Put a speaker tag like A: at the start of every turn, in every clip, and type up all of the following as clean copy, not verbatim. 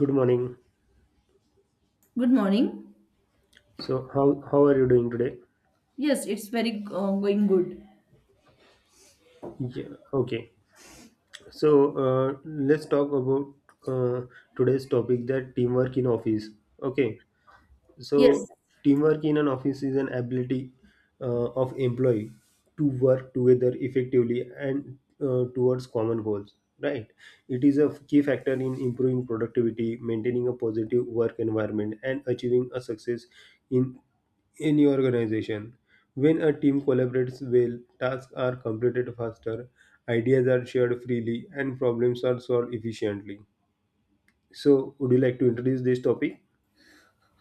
A: Good morning.
B: Good morning.
A: So, how are you doing today?
B: Yes, it's very going good.
A: Yeah, okay. So, let's talk about today's topic that teamwork in office. Okay. So,
B: Yes,
A: teamwork in an office is an ability of employee to work together effectively and towards common goals. Right. It is a key factor in improving productivity, maintaining a positive work environment, and achieving a success in any organization. When a team collaborates well, tasks are completed faster, ideas are shared freely, and problems are solved efficiently. So, would you like to introduce this topic?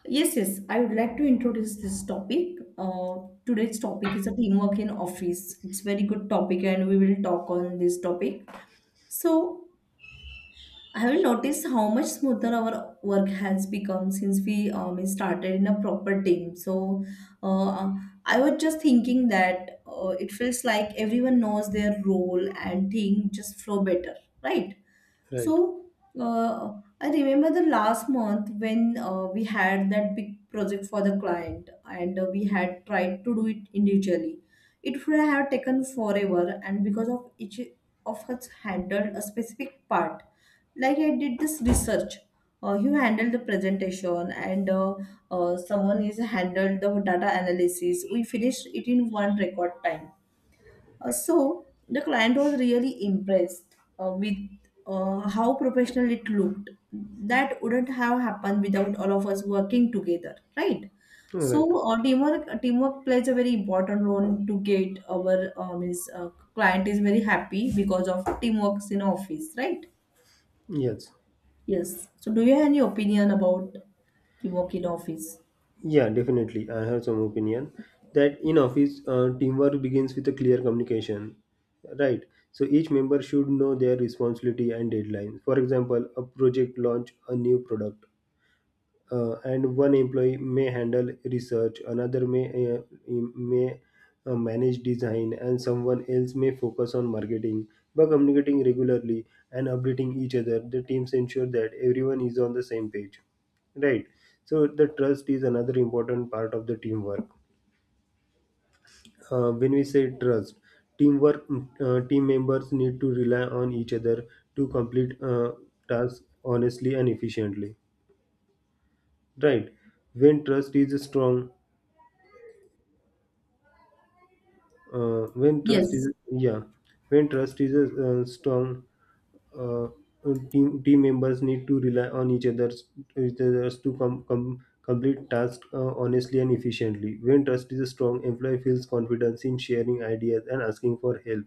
B: yes. I would like to introduce this topic. Today's topic is a teamwork in office. It's very good topic, and we will talk on this topic. So, have you noticed how much smoother our work has become since we started in a proper team? So, uh, I was just thinking that it feels like everyone knows their role and things just flow better, right?
A: Right.
B: So uh, I remember the last month when we had that big project for the client and we had tried to do it individually. It would have taken forever, and because of each of us handled a specific part. Like I did this research. You handle the presentation and someone is handled the data analysis. We finished it in one record time so the client was really impressed with how professional it looked. That wouldn't have happened without all of us working together, right?
A: All right.
B: So teamwork plays a very important role to get our client is very happy because of teamwork in office, right?
A: Yes.
B: Yes. So do you have any opinion about teamwork in office?
A: Yeah, definitely. I have some opinion that in office, teamwork begins with a clear communication, right? So each member should know their responsibility and deadline. For example, a project launch a new product and one employee may handle research, another may manage design, and someone else may focus on marketing by communicating regularly and updating each other, the teams ensure that everyone is on the same page, right? So the trust is another important part of the teamwork. When we say trust, teamwork team members need to rely on each other to complete tasks honestly and efficiently, right? When trust is strong, when trust is
B: Yes.
A: yeah, when trust is strong, team members need to rely on each other's to complete tasks honestly and efficiently. When trust is strong, employee feels confidence in sharing ideas and asking for help.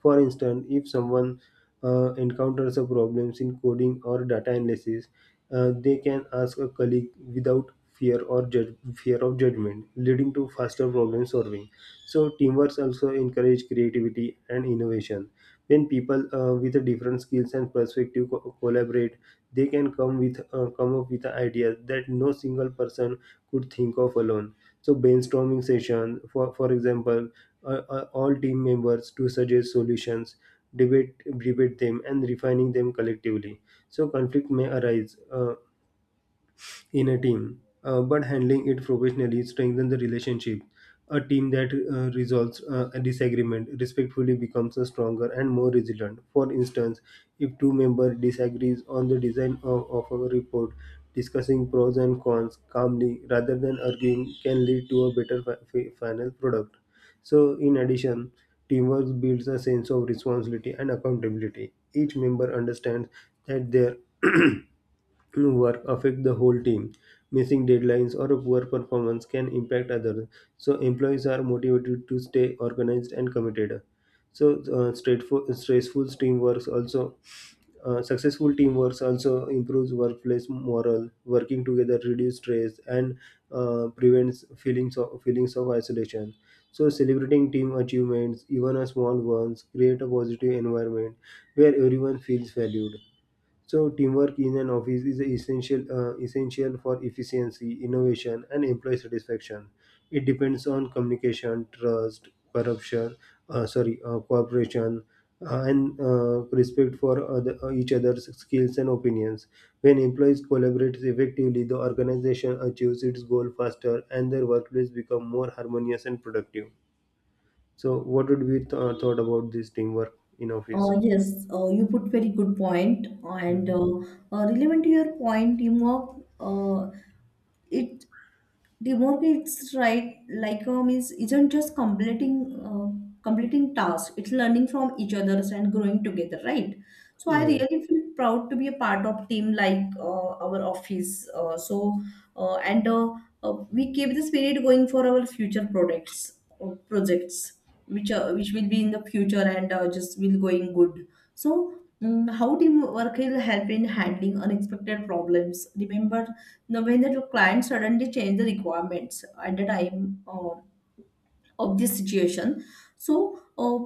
A: For instance, if someone encounters a problems in coding or data analysis, they can ask a colleague without fear of judgment, leading to faster problem solving. So teamwork also encourage creativity and innovation. When people with different skills and perspective collaborate, they can come up with ideas that no single person could think of alone. So brainstorming session, for example, all team members to suggest solutions, debate them, and refining them collectively. So conflict may arise in a team, but handling it professionally strengthens the relationship. A team that resolves a disagreement respectfully becomes a stronger and more resilient. For instance, if two members disagrees on the design of a report, discussing pros and cons calmly rather than arguing can lead to a better final product. So, in addition, teamwork builds a sense of responsibility and accountability. Each member understands that their work affect the whole team. Missing deadlines or poor performance can impact others. So employees are motivated to stay organized and committed. So stressful teamwork also successful teamwork also improves workplace morale. Working together reduces stress and prevents feelings of isolation. So celebrating team achievements, even a small ones, create a positive environment where everyone feels valued. So teamwork in an office is essential, essential for efficiency, innovation, and employee satisfaction. It depends on communication, trust, corruption, cooperation, and respect for each other's skills and opinions. When employees collaborate effectively, the organization achieves its goal faster, and their workplace becomes more harmonious and productive. So, what would be thought about this teamwork in office?
B: Yes, you put very good point and
A: Mhm.
B: relevant to your point, teamwork, it the mortgage, right? Like is isn't just completing uh, completing tasks, it's learning from each other's and growing together, right? So I
A: Right.
B: really feel proud to be a part of team like our office. So and We keep the spirit going for our future products, projects which will be in the future, and just will going good. So how teamwork will help in handling unexpected problems. Remember now when the client suddenly change the requirements at the time of this situation. So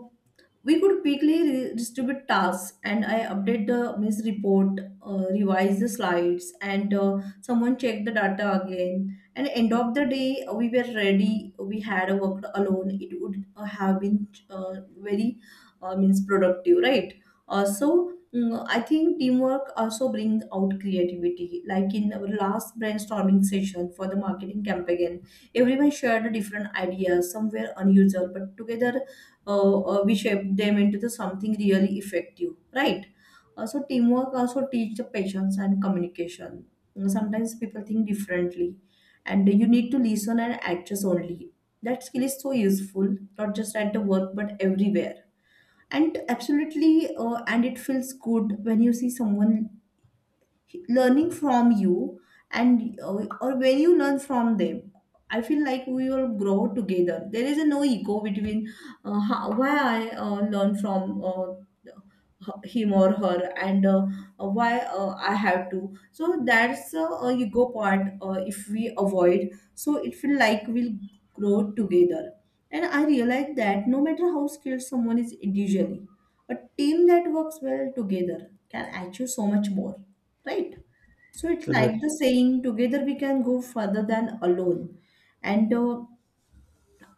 B: we could quickly re- distribute tasks and I update the means report, revise the slides and someone check the data again, and end of the day we were ready. We had worked alone, it would have been uh, very means productive, right? So, I think teamwork also brings out creativity, like in our last brainstorming session for the marketing campaign everyone shared different ideas, some were unusual but together we shape them into the something really effective, right? So teamwork also teach the patience and communication. You know, sometimes people think differently and you need to listen and adjust only. That skill is so useful, not just at the work but everywhere. And absolutely, and it feels good when you see someone learning from you, and or when you learn from them. I feel like we will grow together. There is a no ego between how, why I learn from him or her, and why I have to. So that's a ego part, if we avoid, so it feel like we'll grow together. And I realize that no matter how skilled someone is individually, a team that works well together can achieve so much more, right? So it's like
A: Right.
B: the saying, together we can go further than alone. And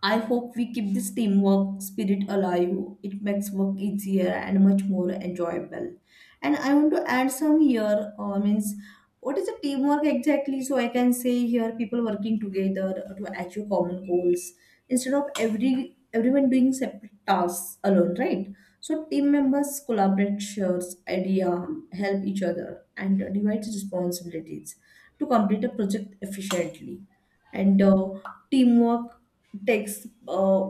B: I hope we keep this teamwork spirit alive. It makes work easier and much more enjoyable. And I want to add some here, means what is a teamwork exactly? So I can say here people working together to achieve common goals instead of everyone doing separate tasks alone, right? So team members collaborate, shares idea, help each other, and divide responsibilities to complete a project efficiently. And teamwork takes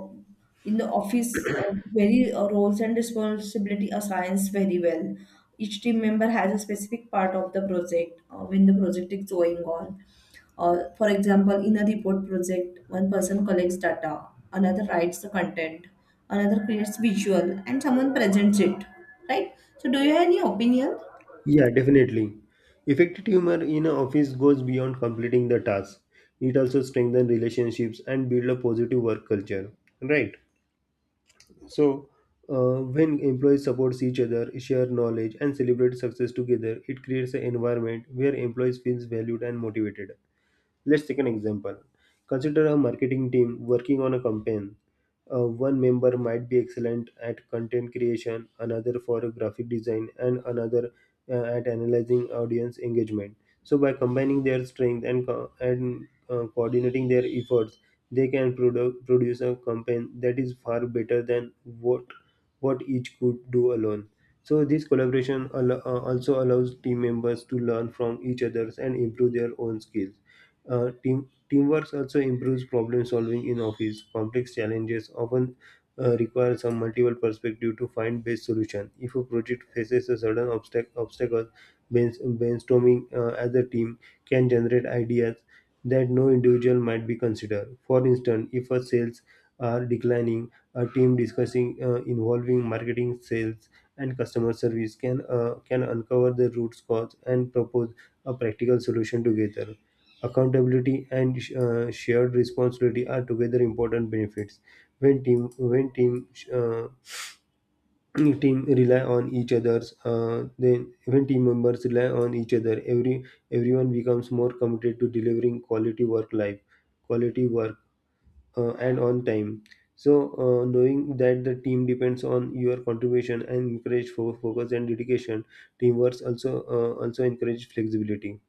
B: in the office very roles and responsibility assigns very well. Each team member has a specific part of the project when the project is going on. For example, in a report project, one person collects data, another writes the content, another creates visual, and someone presents it. Right? So, do you have any opinion?
A: Yeah, definitely. Effective humor in an office goes beyond completing the task. It also strengthens relationships and build a positive work culture. Right. So, when employees support each other, share knowledge, and celebrate success together, it creates an environment where employees feels valued and motivated. Let's take an example. Consider a marketing team working on a campaign. One member might be excellent at content creation, another for graphic design, and another at analyzing audience engagement. So, by combining their strength and coordinating their efforts, they can produce a campaign that is far better than what each could do alone. So this collaboration also allows team members to learn from each others and improve their own skills. Teamwork also improves problem solving in office. Complex challenges often require some multiple perspective to find best solution. If a project faces a sudden obstacle, brainstorming as a team can generate ideas that no individual might be considered. For instance, if a sales are declining, a team discussing involving marketing, sales, and customer service can uncover the root cause and propose a practical solution together. Accountability and shared responsibility are together important benefits. When team uh, team rely on each other's then when team members rely on each other, everyone becomes more committed to delivering quality work and on time. So knowing that the team depends on your contribution and encourage focus and dedication, teamwork also also encourage flexibility.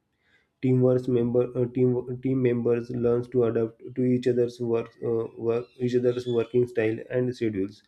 A: Teamwork member uh, team team members learns to adapt to each other's work, each other's working style and schedules.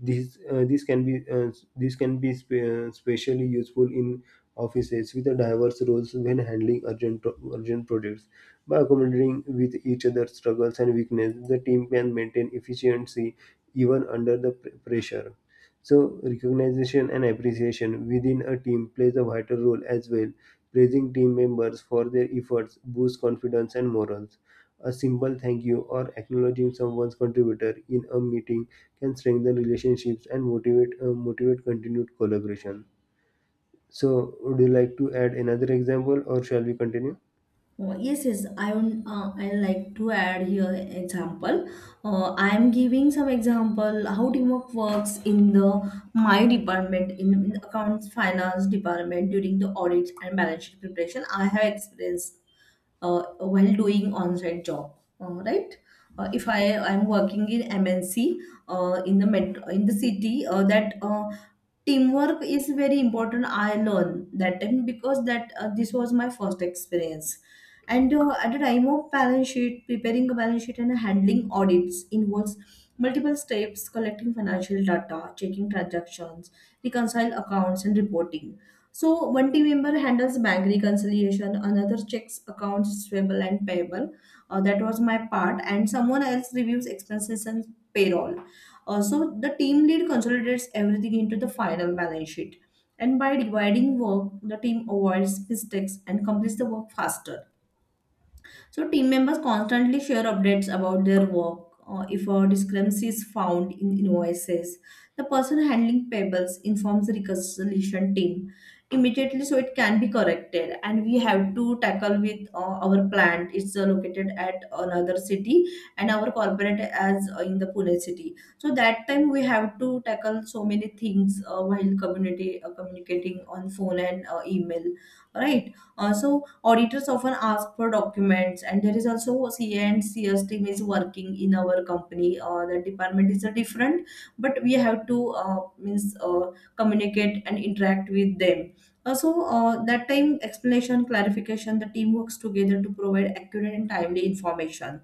A: This uh, this can be uh, this can be especially useful in offices with a diverse roles when handling urgent projects. By accommodating with each other's struggles and weakness, the team can maintain efficiency even under the pressure. So recognition and appreciation within a team plays a vital role as well. Praising team members for their efforts boosts confidence and morals. A simple thank you or acknowledging someone's contributor in a meeting can strengthen relationships and motivate continued collaboration. So, would you like to add another example, or shall we continue?
B: Yes, yes. I would. I like to add here example. I am giving some example how teamwork works in the my department in accounts finance department during the audits and balance sheet preparation. I have experience while doing on-site job. Right. If I am working in MNC in the metro, in the city, that teamwork is very important. I learn that time because that this was my first experience, and at the time of balance sheet, preparing a balance sheet and handling audits involves multiple steps: collecting financial data, checking transactions, reconcile accounts, and reporting. So, one team member handles bank reconciliation, another checks accounts receivable and payable. That was my part, and someone else reviews expenses and payroll. So, the team lead consolidates everything into the final balance sheet. And by dividing work, the team avoids mistakes and completes the work faster. So team members constantly share updates about their work. If a discrepancy is found in invoices, the person handling payables informs the reconciliation team immediately, so it can be corrected. And we have to tackle with our plant. It's located at another city, and our corporate as in the Pune city. So that time we have to tackle so many things while community communicating on phone and email, right? So auditors often ask for documents, and there is also CA and CS team is working in our company. The department is different, but we have to means communicate and interact with them. That time explanation, clarification, the team works together to provide accurate and timely information.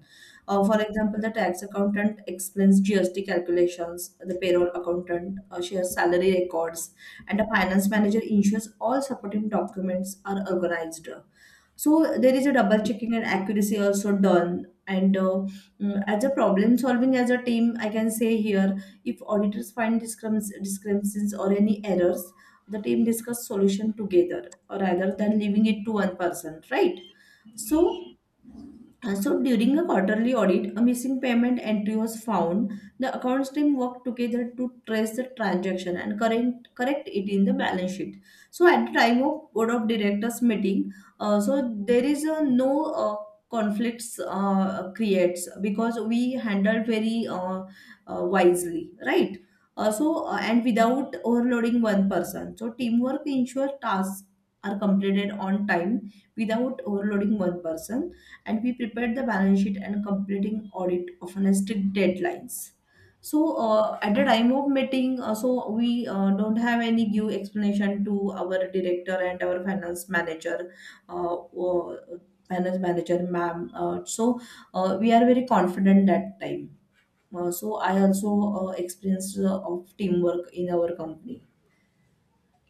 B: For example, the tax accountant explains GST calculations, the payroll accountant shares salary records, and the finance manager ensures all supporting documents are organized. So there is a double checking and accuracy also done. And as a problem solving as a team, I can say here if auditors find discrepancies or any errors, the team discuss solution together or rather than leaving it to one person, right? So So during a quarterly audit, a missing payment entry was found. The accounts team worked together to trace the transaction and correct it in the balance sheet. So at the time of board of directors meeting, so there is no uh, conflicts creates because we handled very wisely, right? And without overloading one person. So teamwork ensures tasks are completed on time without overloading one person, and we prepared the balance sheet and completing audit of a strict deadlines. So at the time of meeting, so we don't have any give explanation to our director and our uh, uh, finance manager ma'am. We are very confident that time. I also experienced of teamwork in our company,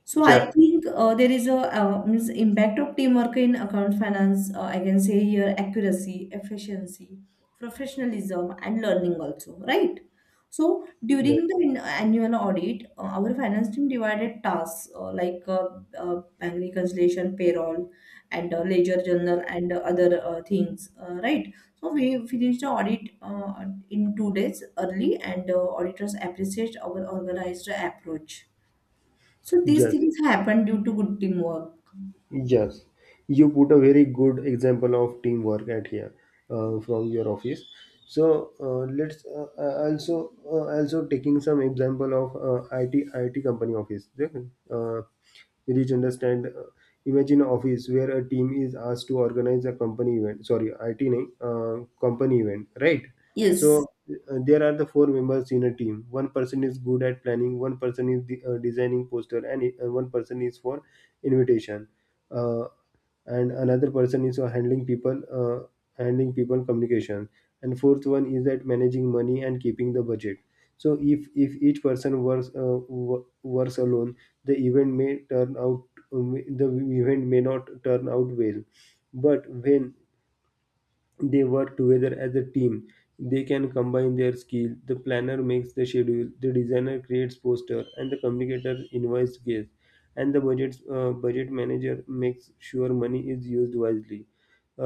B: so I
A: Yeah,
B: think there is a means impact of teamwork in account finance. I can say here accuracy, efficiency, professionalism, and learning also, right? So
A: right.
B: during the annual audit, our finance team divided tasks like bank reconciliation, payroll, and ledger journal, and other things, right? So we finished the audit in 2 days early, and auditors appreciate our organized approach. So these
A: Yes.
B: things happen due to good teamwork.
A: Yes, you put a very good example of teamwork at here from your office. So let's also taking some example of IT IT company office. Uh, reach understand. Imagine an office where a team is asked to organize a company event. Sorry, IT name, company event, right?
B: Yes.
A: So there are the four members in a team. One person is good at planning, one person is designing poster, and one person is for invitation, uh, and another person is for handling people communication, and fourth one is at managing money and keeping the budget. So if each person works alone, the event may turn out um, the event may not turn out well, but when they work together as a team, they can combine their skill. The planner makes the schedule, the designer creates poster, and the communicator invites guests, and the budget manager makes sure money is used wisely.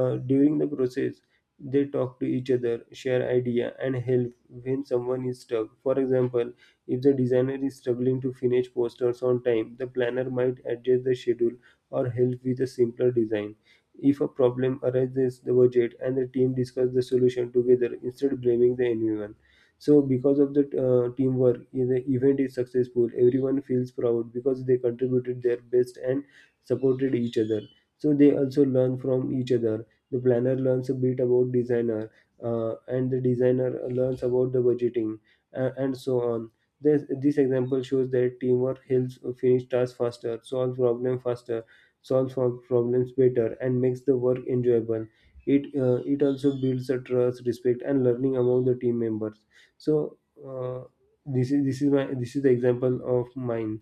A: During the process, they talk to each other, share idea, and help when someone is stuck. For example, if the designer is struggling to finish posters on time, the planner might adjust the schedule or help with a simpler design. If a problem arises, the budget and the team discuss the solution together instead of blaming the anyone. So because of the teamwork, if the event is successful, everyone feels proud because they contributed their best and supported each other. So they also learn from each other. The planner learns a bit about designer, and the designer learns about the budgeting, and so on. This example shows that teamwork helps finish tasks faster, solves our problems better, and makes the work enjoyable. It also builds a trust, respect, and learning among the team members. So uh, this is the example of mine.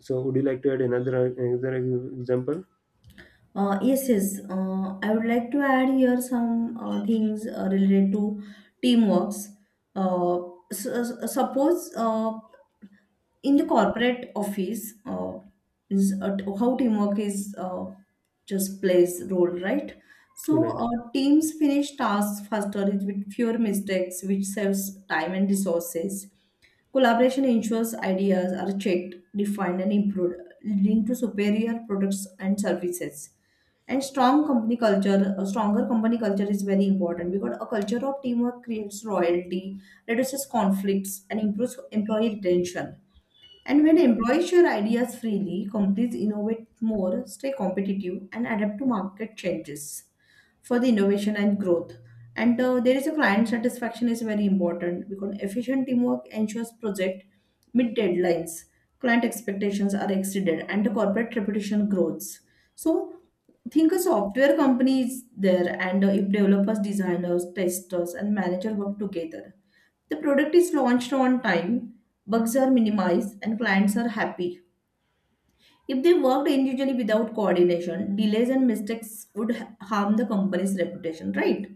A: So would you like to add another example?
B: Yes, yes. I would like to add here some things related to teamworks. Uh, suppose in the corporate office is how teamwork is just plays role, right? So
A: Right,
B: teams finish tasks faster with fewer mistakes which saves time and resources. Collaboration ensures ideas are checked, defined and improved, leading to superior products and services. And strong company culture, a stronger company culture is very important because a culture of teamwork creates loyalty, reduces conflicts and improves employee retention. And when employees share ideas freely, companies innovate more, stay competitive, and adapt to market changes for the innovation and growth. And there is a client satisfaction is very important because efficient teamwork ensures project meet deadlines, client expectations are exceeded, and the corporate reputation grows. So think a software company is there, and if developers, designers, testers, and manager work together, the product is launched on time, bugs are minimized, and clients are happy. If they worked individually without coordination, delays and mistakes would harm the company's reputation, right?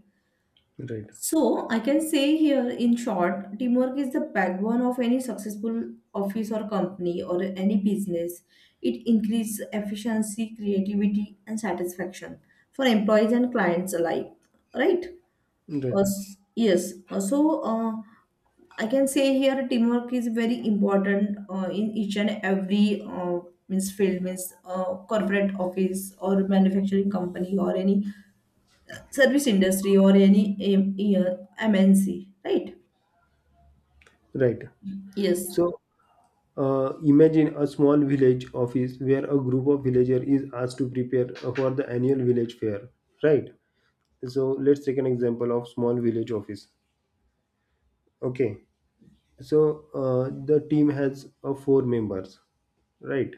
A: right,
B: So, I can say here in short, teamwork is the backbone of any successful office or company or any business. It increases efficiency, creativity, and satisfaction for employees and clients alike, right?
A: right,
B: Yes. Uh, So uh, I can say here teamwork is very important in each and every means field means corporate office or manufacturing company or any service industry or any um, uh, MNC, right?
A: right.
B: Yes.
A: So, imagine a small village office where a group of villagers is asked to prepare for the annual village fair, right? So, let's take an example of small village office. Okay, so the team has four members, right?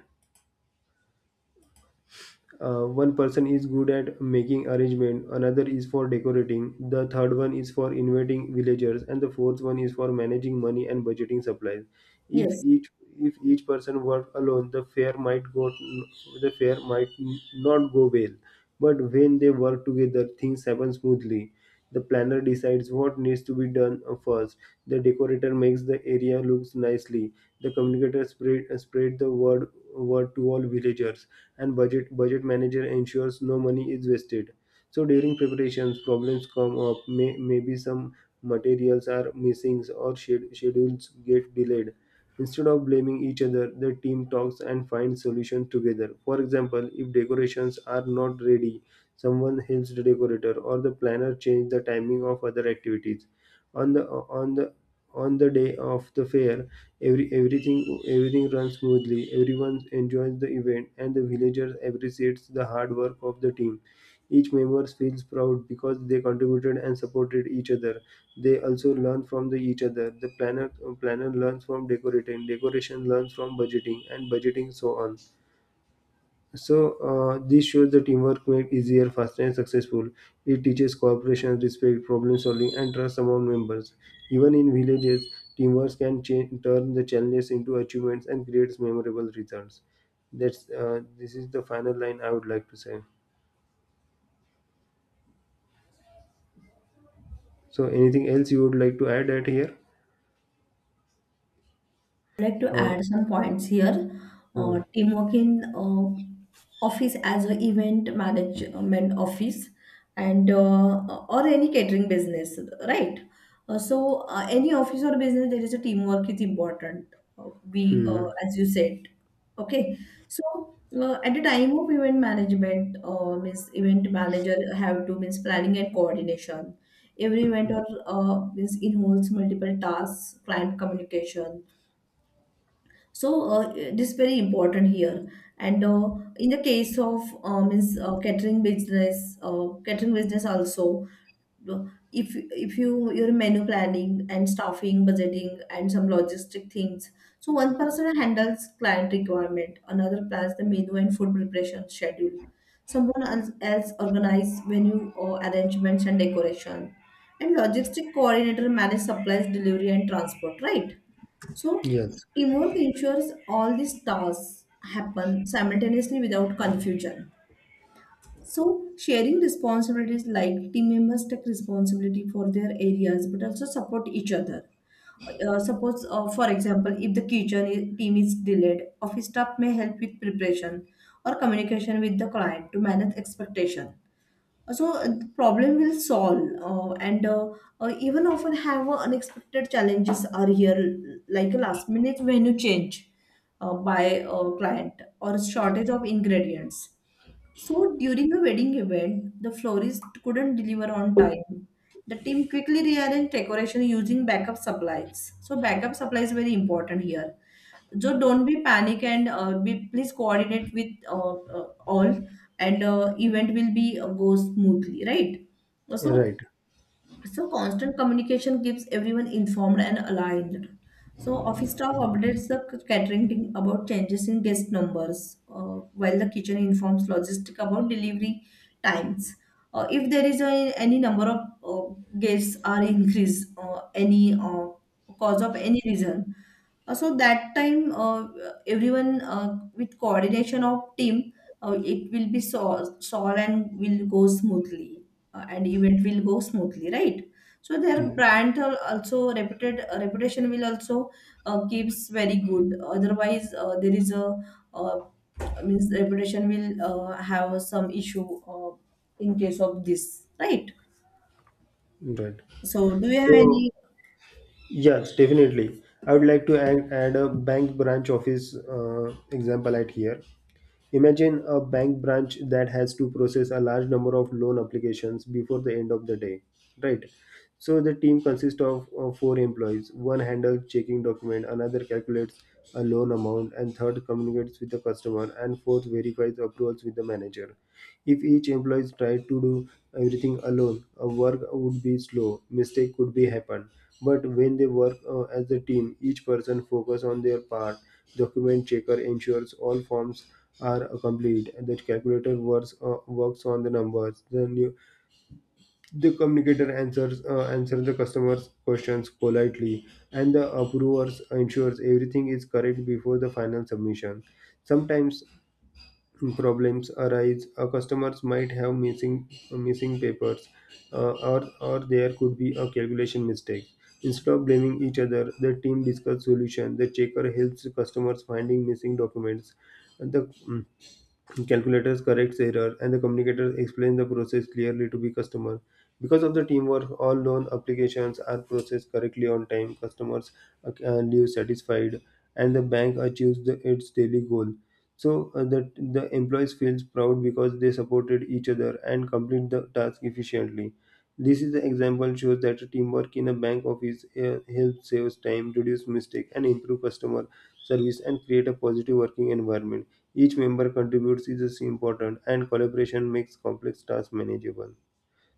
A: One person is good at making arrangement, another is for decorating, the third one is for inviting villagers, and the fourth one is for managing money and budgeting supplies. if
B: Yes,
A: each if each person worked alone, the fair might not go well, but when they work together, things happen smoothly. The planner decides what needs to be done first, the decorator makes the area looks nicely, the communicator spread the word to all villagers, and budget manager ensures no money is wasted. So during preparations, problems come up. Maybe some materials are missing or schedules get delayed. Instead of blaming each other, the team talks and finds solutions together. For example, if decorations are not ready, someone helps the decorator or the planner change the timing of other activities on the on the day of the fair. Everything runs smoothly. Everyone enjoys the event, and the villagers appreciates the hard work of the team. Each member feels proud because they contributed and supported each other. They also learn from the each other. The planner learns from decorating decoration learns from budgeting so on. So this shows the teamwork made easier, faster, and successful. It teaches cooperation, respect, problem solving, and trust among members. Even in villages, teamwork can turn the challenges into achievements and creates memorable results. That's This is the final line I would like to say. So anything else you would like to add at here?
B: like to
A: Uh,
B: add some points here.
A: hmm,
B: Teamwork in office as an event management office and or any catering business, right? Any office or business, there is a teamwork is important.
A: hmm,
B: As you said, okay. So at the time of event management, means event manager have to means planning and coordination. Every event or means involves multiple tasks, client communication, so this is very important here. And In the case of means catering business also, if if you your menu planning and staffing, budgeting, and some logistic things. So one person handles client requirement, another plans the menu and food preparation schedule, someone else organize venue or arrangements and decoration, and logistic coordinator manage supplies delivery and transport, right? so
A: yes,
B: Teamwork ensures all these tasks happen simultaneously without confusion. So, sharing responsibilities, like team members take responsibility for their areas but also support each other. For example, if the team is delayed, office staff may help with preparation or communication with the client to manage expectation. So the problem will solve, and even often have unexpected challenges are here, like a last minute menu change by a client or shortage of ingredients. So during a wedding event, the florist couldn't deliver on time. The team quickly rearranged decoration using backup supplies, so backup supply is very important here. So don't be panic and be please coordinate with all, and event will be go smoothly, right? So
A: right.
B: so constant communication keeps everyone informed and aligned. So office staff updates the catering team about changes in guest numbers, while the kitchen informs logistic about delivery times. If there is a, any number of guests are increased, any cause of any reason, so that time everyone with coordination of team, it will be solved and will go smoothly, and event will go smoothly, right? So their
A: Hmm,
B: brand also reputed, reputation will also keeps very good. Otherwise there is a uh, means reputation will have some issue in case of this, right?
A: right.
B: So do you have
A: So
B: any?
A: yes, definitely. I would like to add a bank branch office example at here. Imagine a bank branch that has to process a large number of loan applications before the end of the day, right? So the team consists of four employees. One handles checking document, another calculates a loan amount, and third communicates with the customer, and fourth verifies approvals with the manager. If each employee tried to do everything alone, a work would be slow, mistake could be happen. But when they work as a team, each person focus on their part. Document checker ensures all forms are complete. The calculator works on the numbers. The communicator answers the customer's questions politely, and the approvers ensures everything is correct before the final submission. Sometimes problems arise. Customers might have missing papers, or there could be a calculation mistake. Instead of blaming each other, the team discuss solution. The checker helps customers finding missing documents. The calculators corrects error, and the communicator explains the process clearly to the customer. Because of the teamwork, all loan applications are processed correctly on time. Customers uh, leave satisfied, and the bank achieves its daily goal. So that the employees feels proud because they supported each other and complete the task efficiently. This is the example shows that teamwork in a bank office helps saves time, reduce mistake, and improve customer service and create a positive working environment. Each member contributes is important, and collaboration makes complex tasks manageable.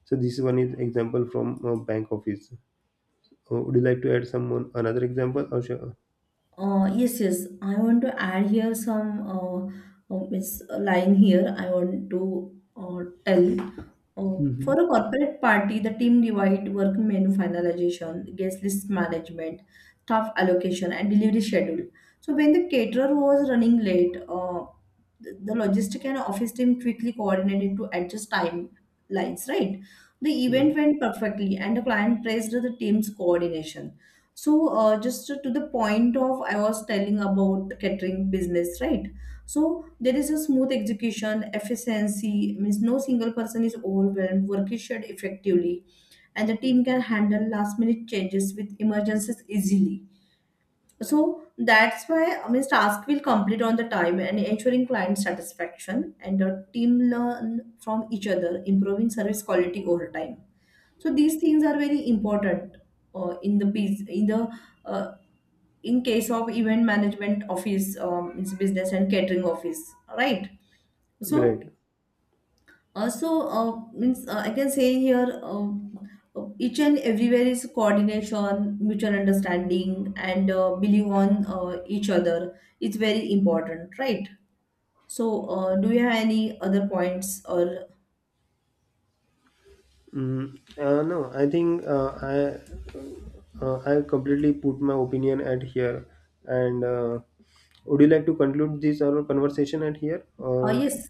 A: So this one is example from bank office. Would you like to add some one, another example or sure?
B: Yes, yes. I want to add here some, it's line here I want to tell.
A: Hmm,
B: For a corporate party, the team divide work, menu finalization, guest list management, staff allocation, and delivery schedule. So when the caterer was running late, the logistic and office team quickly coordinated to adjust timelines. Right, the
A: right?
B: event went perfectly, and the client praised the team's coordination. So, just to the point of I was telling about catering business, right? So there is a smooth execution, efficiency means no single person is overwhelmed. Work is shared effectively, and the team can handle last minute changes with emergencies easily. So that's why I mean task will complete on the time and ensuring client satisfaction, and the team learn from each other, improving service quality over time. So these things are very important in the biz in the uh, in case of event management office, means business and catering office, right? so
A: Right.
B: uh, so uh, means uh, I can say here, each and everywhere is coordination, mutual understanding, and believe on each other, it's very important, right? So do you have any other points or?
A: No, I think I completely put my opinion at here. And would you like to conclude this our conversation at here? Or
B: Yes,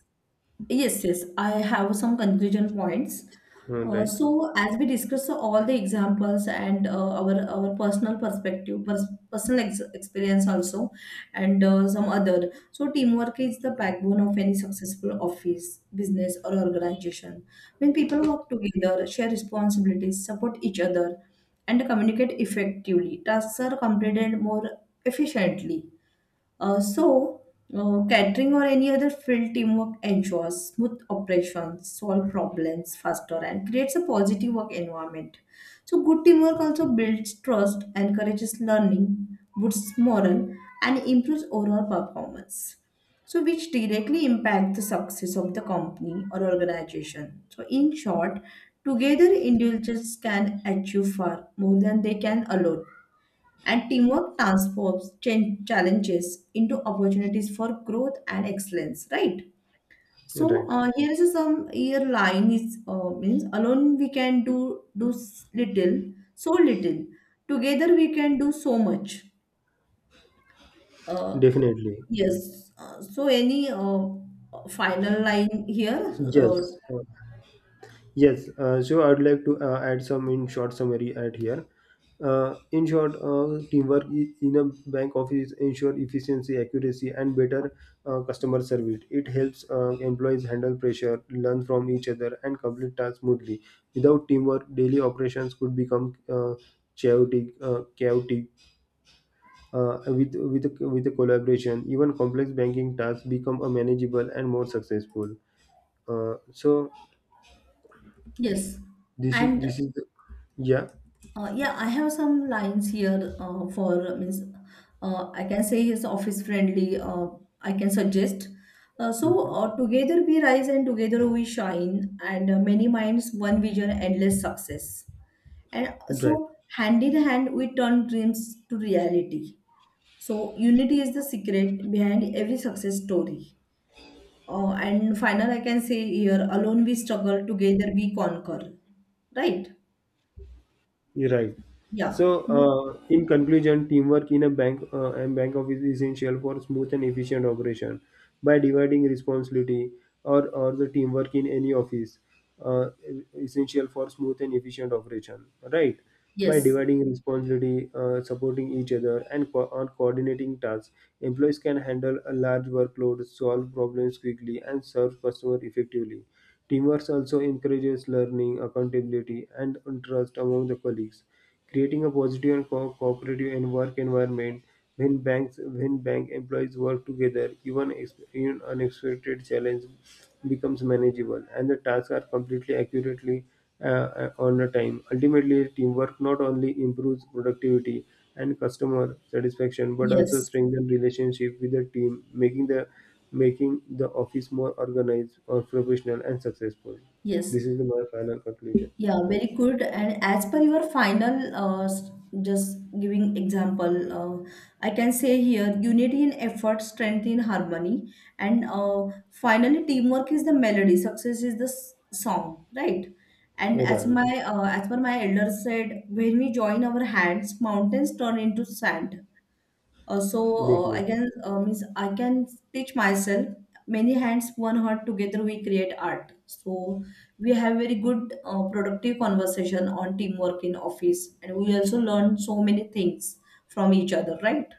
B: yes, yes. I have some conclusion points.
A: right,
B: So as we discuss all the examples and our personal perspective, personal ex experience also, and some other. So teamwork is the backbone of any successful office, business, or organization. When people work together, share responsibilities, support each other, and communicate effectively, tasks are completed more efficiently. Uh, so, Catering or any other field, teamwork ensures smooth operations, solve problems faster, and creates a positive work environment. So, good teamwork also builds trust, encourages learning, boosts morale, and improves overall performance. So, which directly impact the success of the company or organization. So, in short, together individuals can achieve far more than they can alone. And teamwork transforms challenges into opportunities for growth and excellence, right? So
A: right,
B: uh, here is some here line is means alone we can do little, so little. Together we can do so much. Uh,
A: definitely.
B: yes. So any final line here?
A: Yes. Yes, so I'd like to add some in short summary at here. In short, teamwork in a bank office ensure efficiency, accuracy, and better customer service. It helps employees handle pressure, learn from each other, and complete tasks smoothly. Without teamwork, daily operations could become chaotic. Chaotic. With a collaboration, even complex banking tasks become manageable and more successful. So
B: Yes. And
A: this is the, yeah.
B: Yeah, I have some lines here for means I can say he's office friendly. I can suggest.
A: Mhm.
B: Together we rise and together we shine, and many minds, one vision, endless success. And uh,
A: Right,
B: so hand in hand we turn dreams to reality. So unity is the secret behind every success story. And final, I can say here: alone we struggle, together we conquer. Right?
A: you're right. So,
B: Yeah. Mm.
A: in conclusion, teamwork in a bank and bank office is essential for smooth and efficient operation. By dividing responsibility or the teamwork in any office, uh, essential for smooth and efficient operation. Right. By
B: Yes.
A: dividing responsibility, supporting each other, and co- on coordinating tasks, employees can handle a large workload, solve problems quickly, and serve customer effectively. Teamwork also encourages learning, accountability, and trust among the colleagues, creating a positive and cooperative and work environment. When bank employees work together, even even unexpected challenge becomes manageable, and the tasks are completely accurately on the time. Ultimately, teamwork not only improves productivity and customer satisfaction, but also
B: Yes,
A: strengthens relationship with the team, making the office more organized or professional and successful.
B: yes,
A: This is my final conclusion.
B: yeah,
A: Right.
B: very good. And as per your final, just giving example, I can say here unity in effort, strength in harmony, and finally teamwork is the melody. Success is the song, right? And as
A: Right.
B: my as per my elders said, when we join our hands, mountains turn into sand. I
A: Definitely.
B: can means I can teach myself. Many hands, one heart. Together we create art. So we have very good productive conversation on teamwork in office, and we also learn so many things from each other. Right?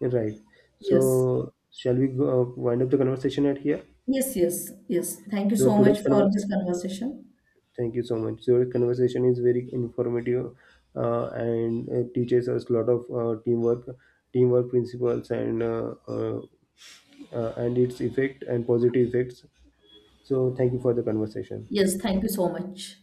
A: Right.
B: Yes.
A: So, shall we go, wind up the conversation at here?
B: Yes. Yes. Yes. Thank you
A: So,
B: so much
A: today's
B: for
A: conversation,
B: this conversation.
A: thank you so much. So, today's conversation is very informative and teaches us a lot of teamwork, teamwork principles, and its effect and positive effects. So, thank you for the conversation.
B: Yes. Thank you so much.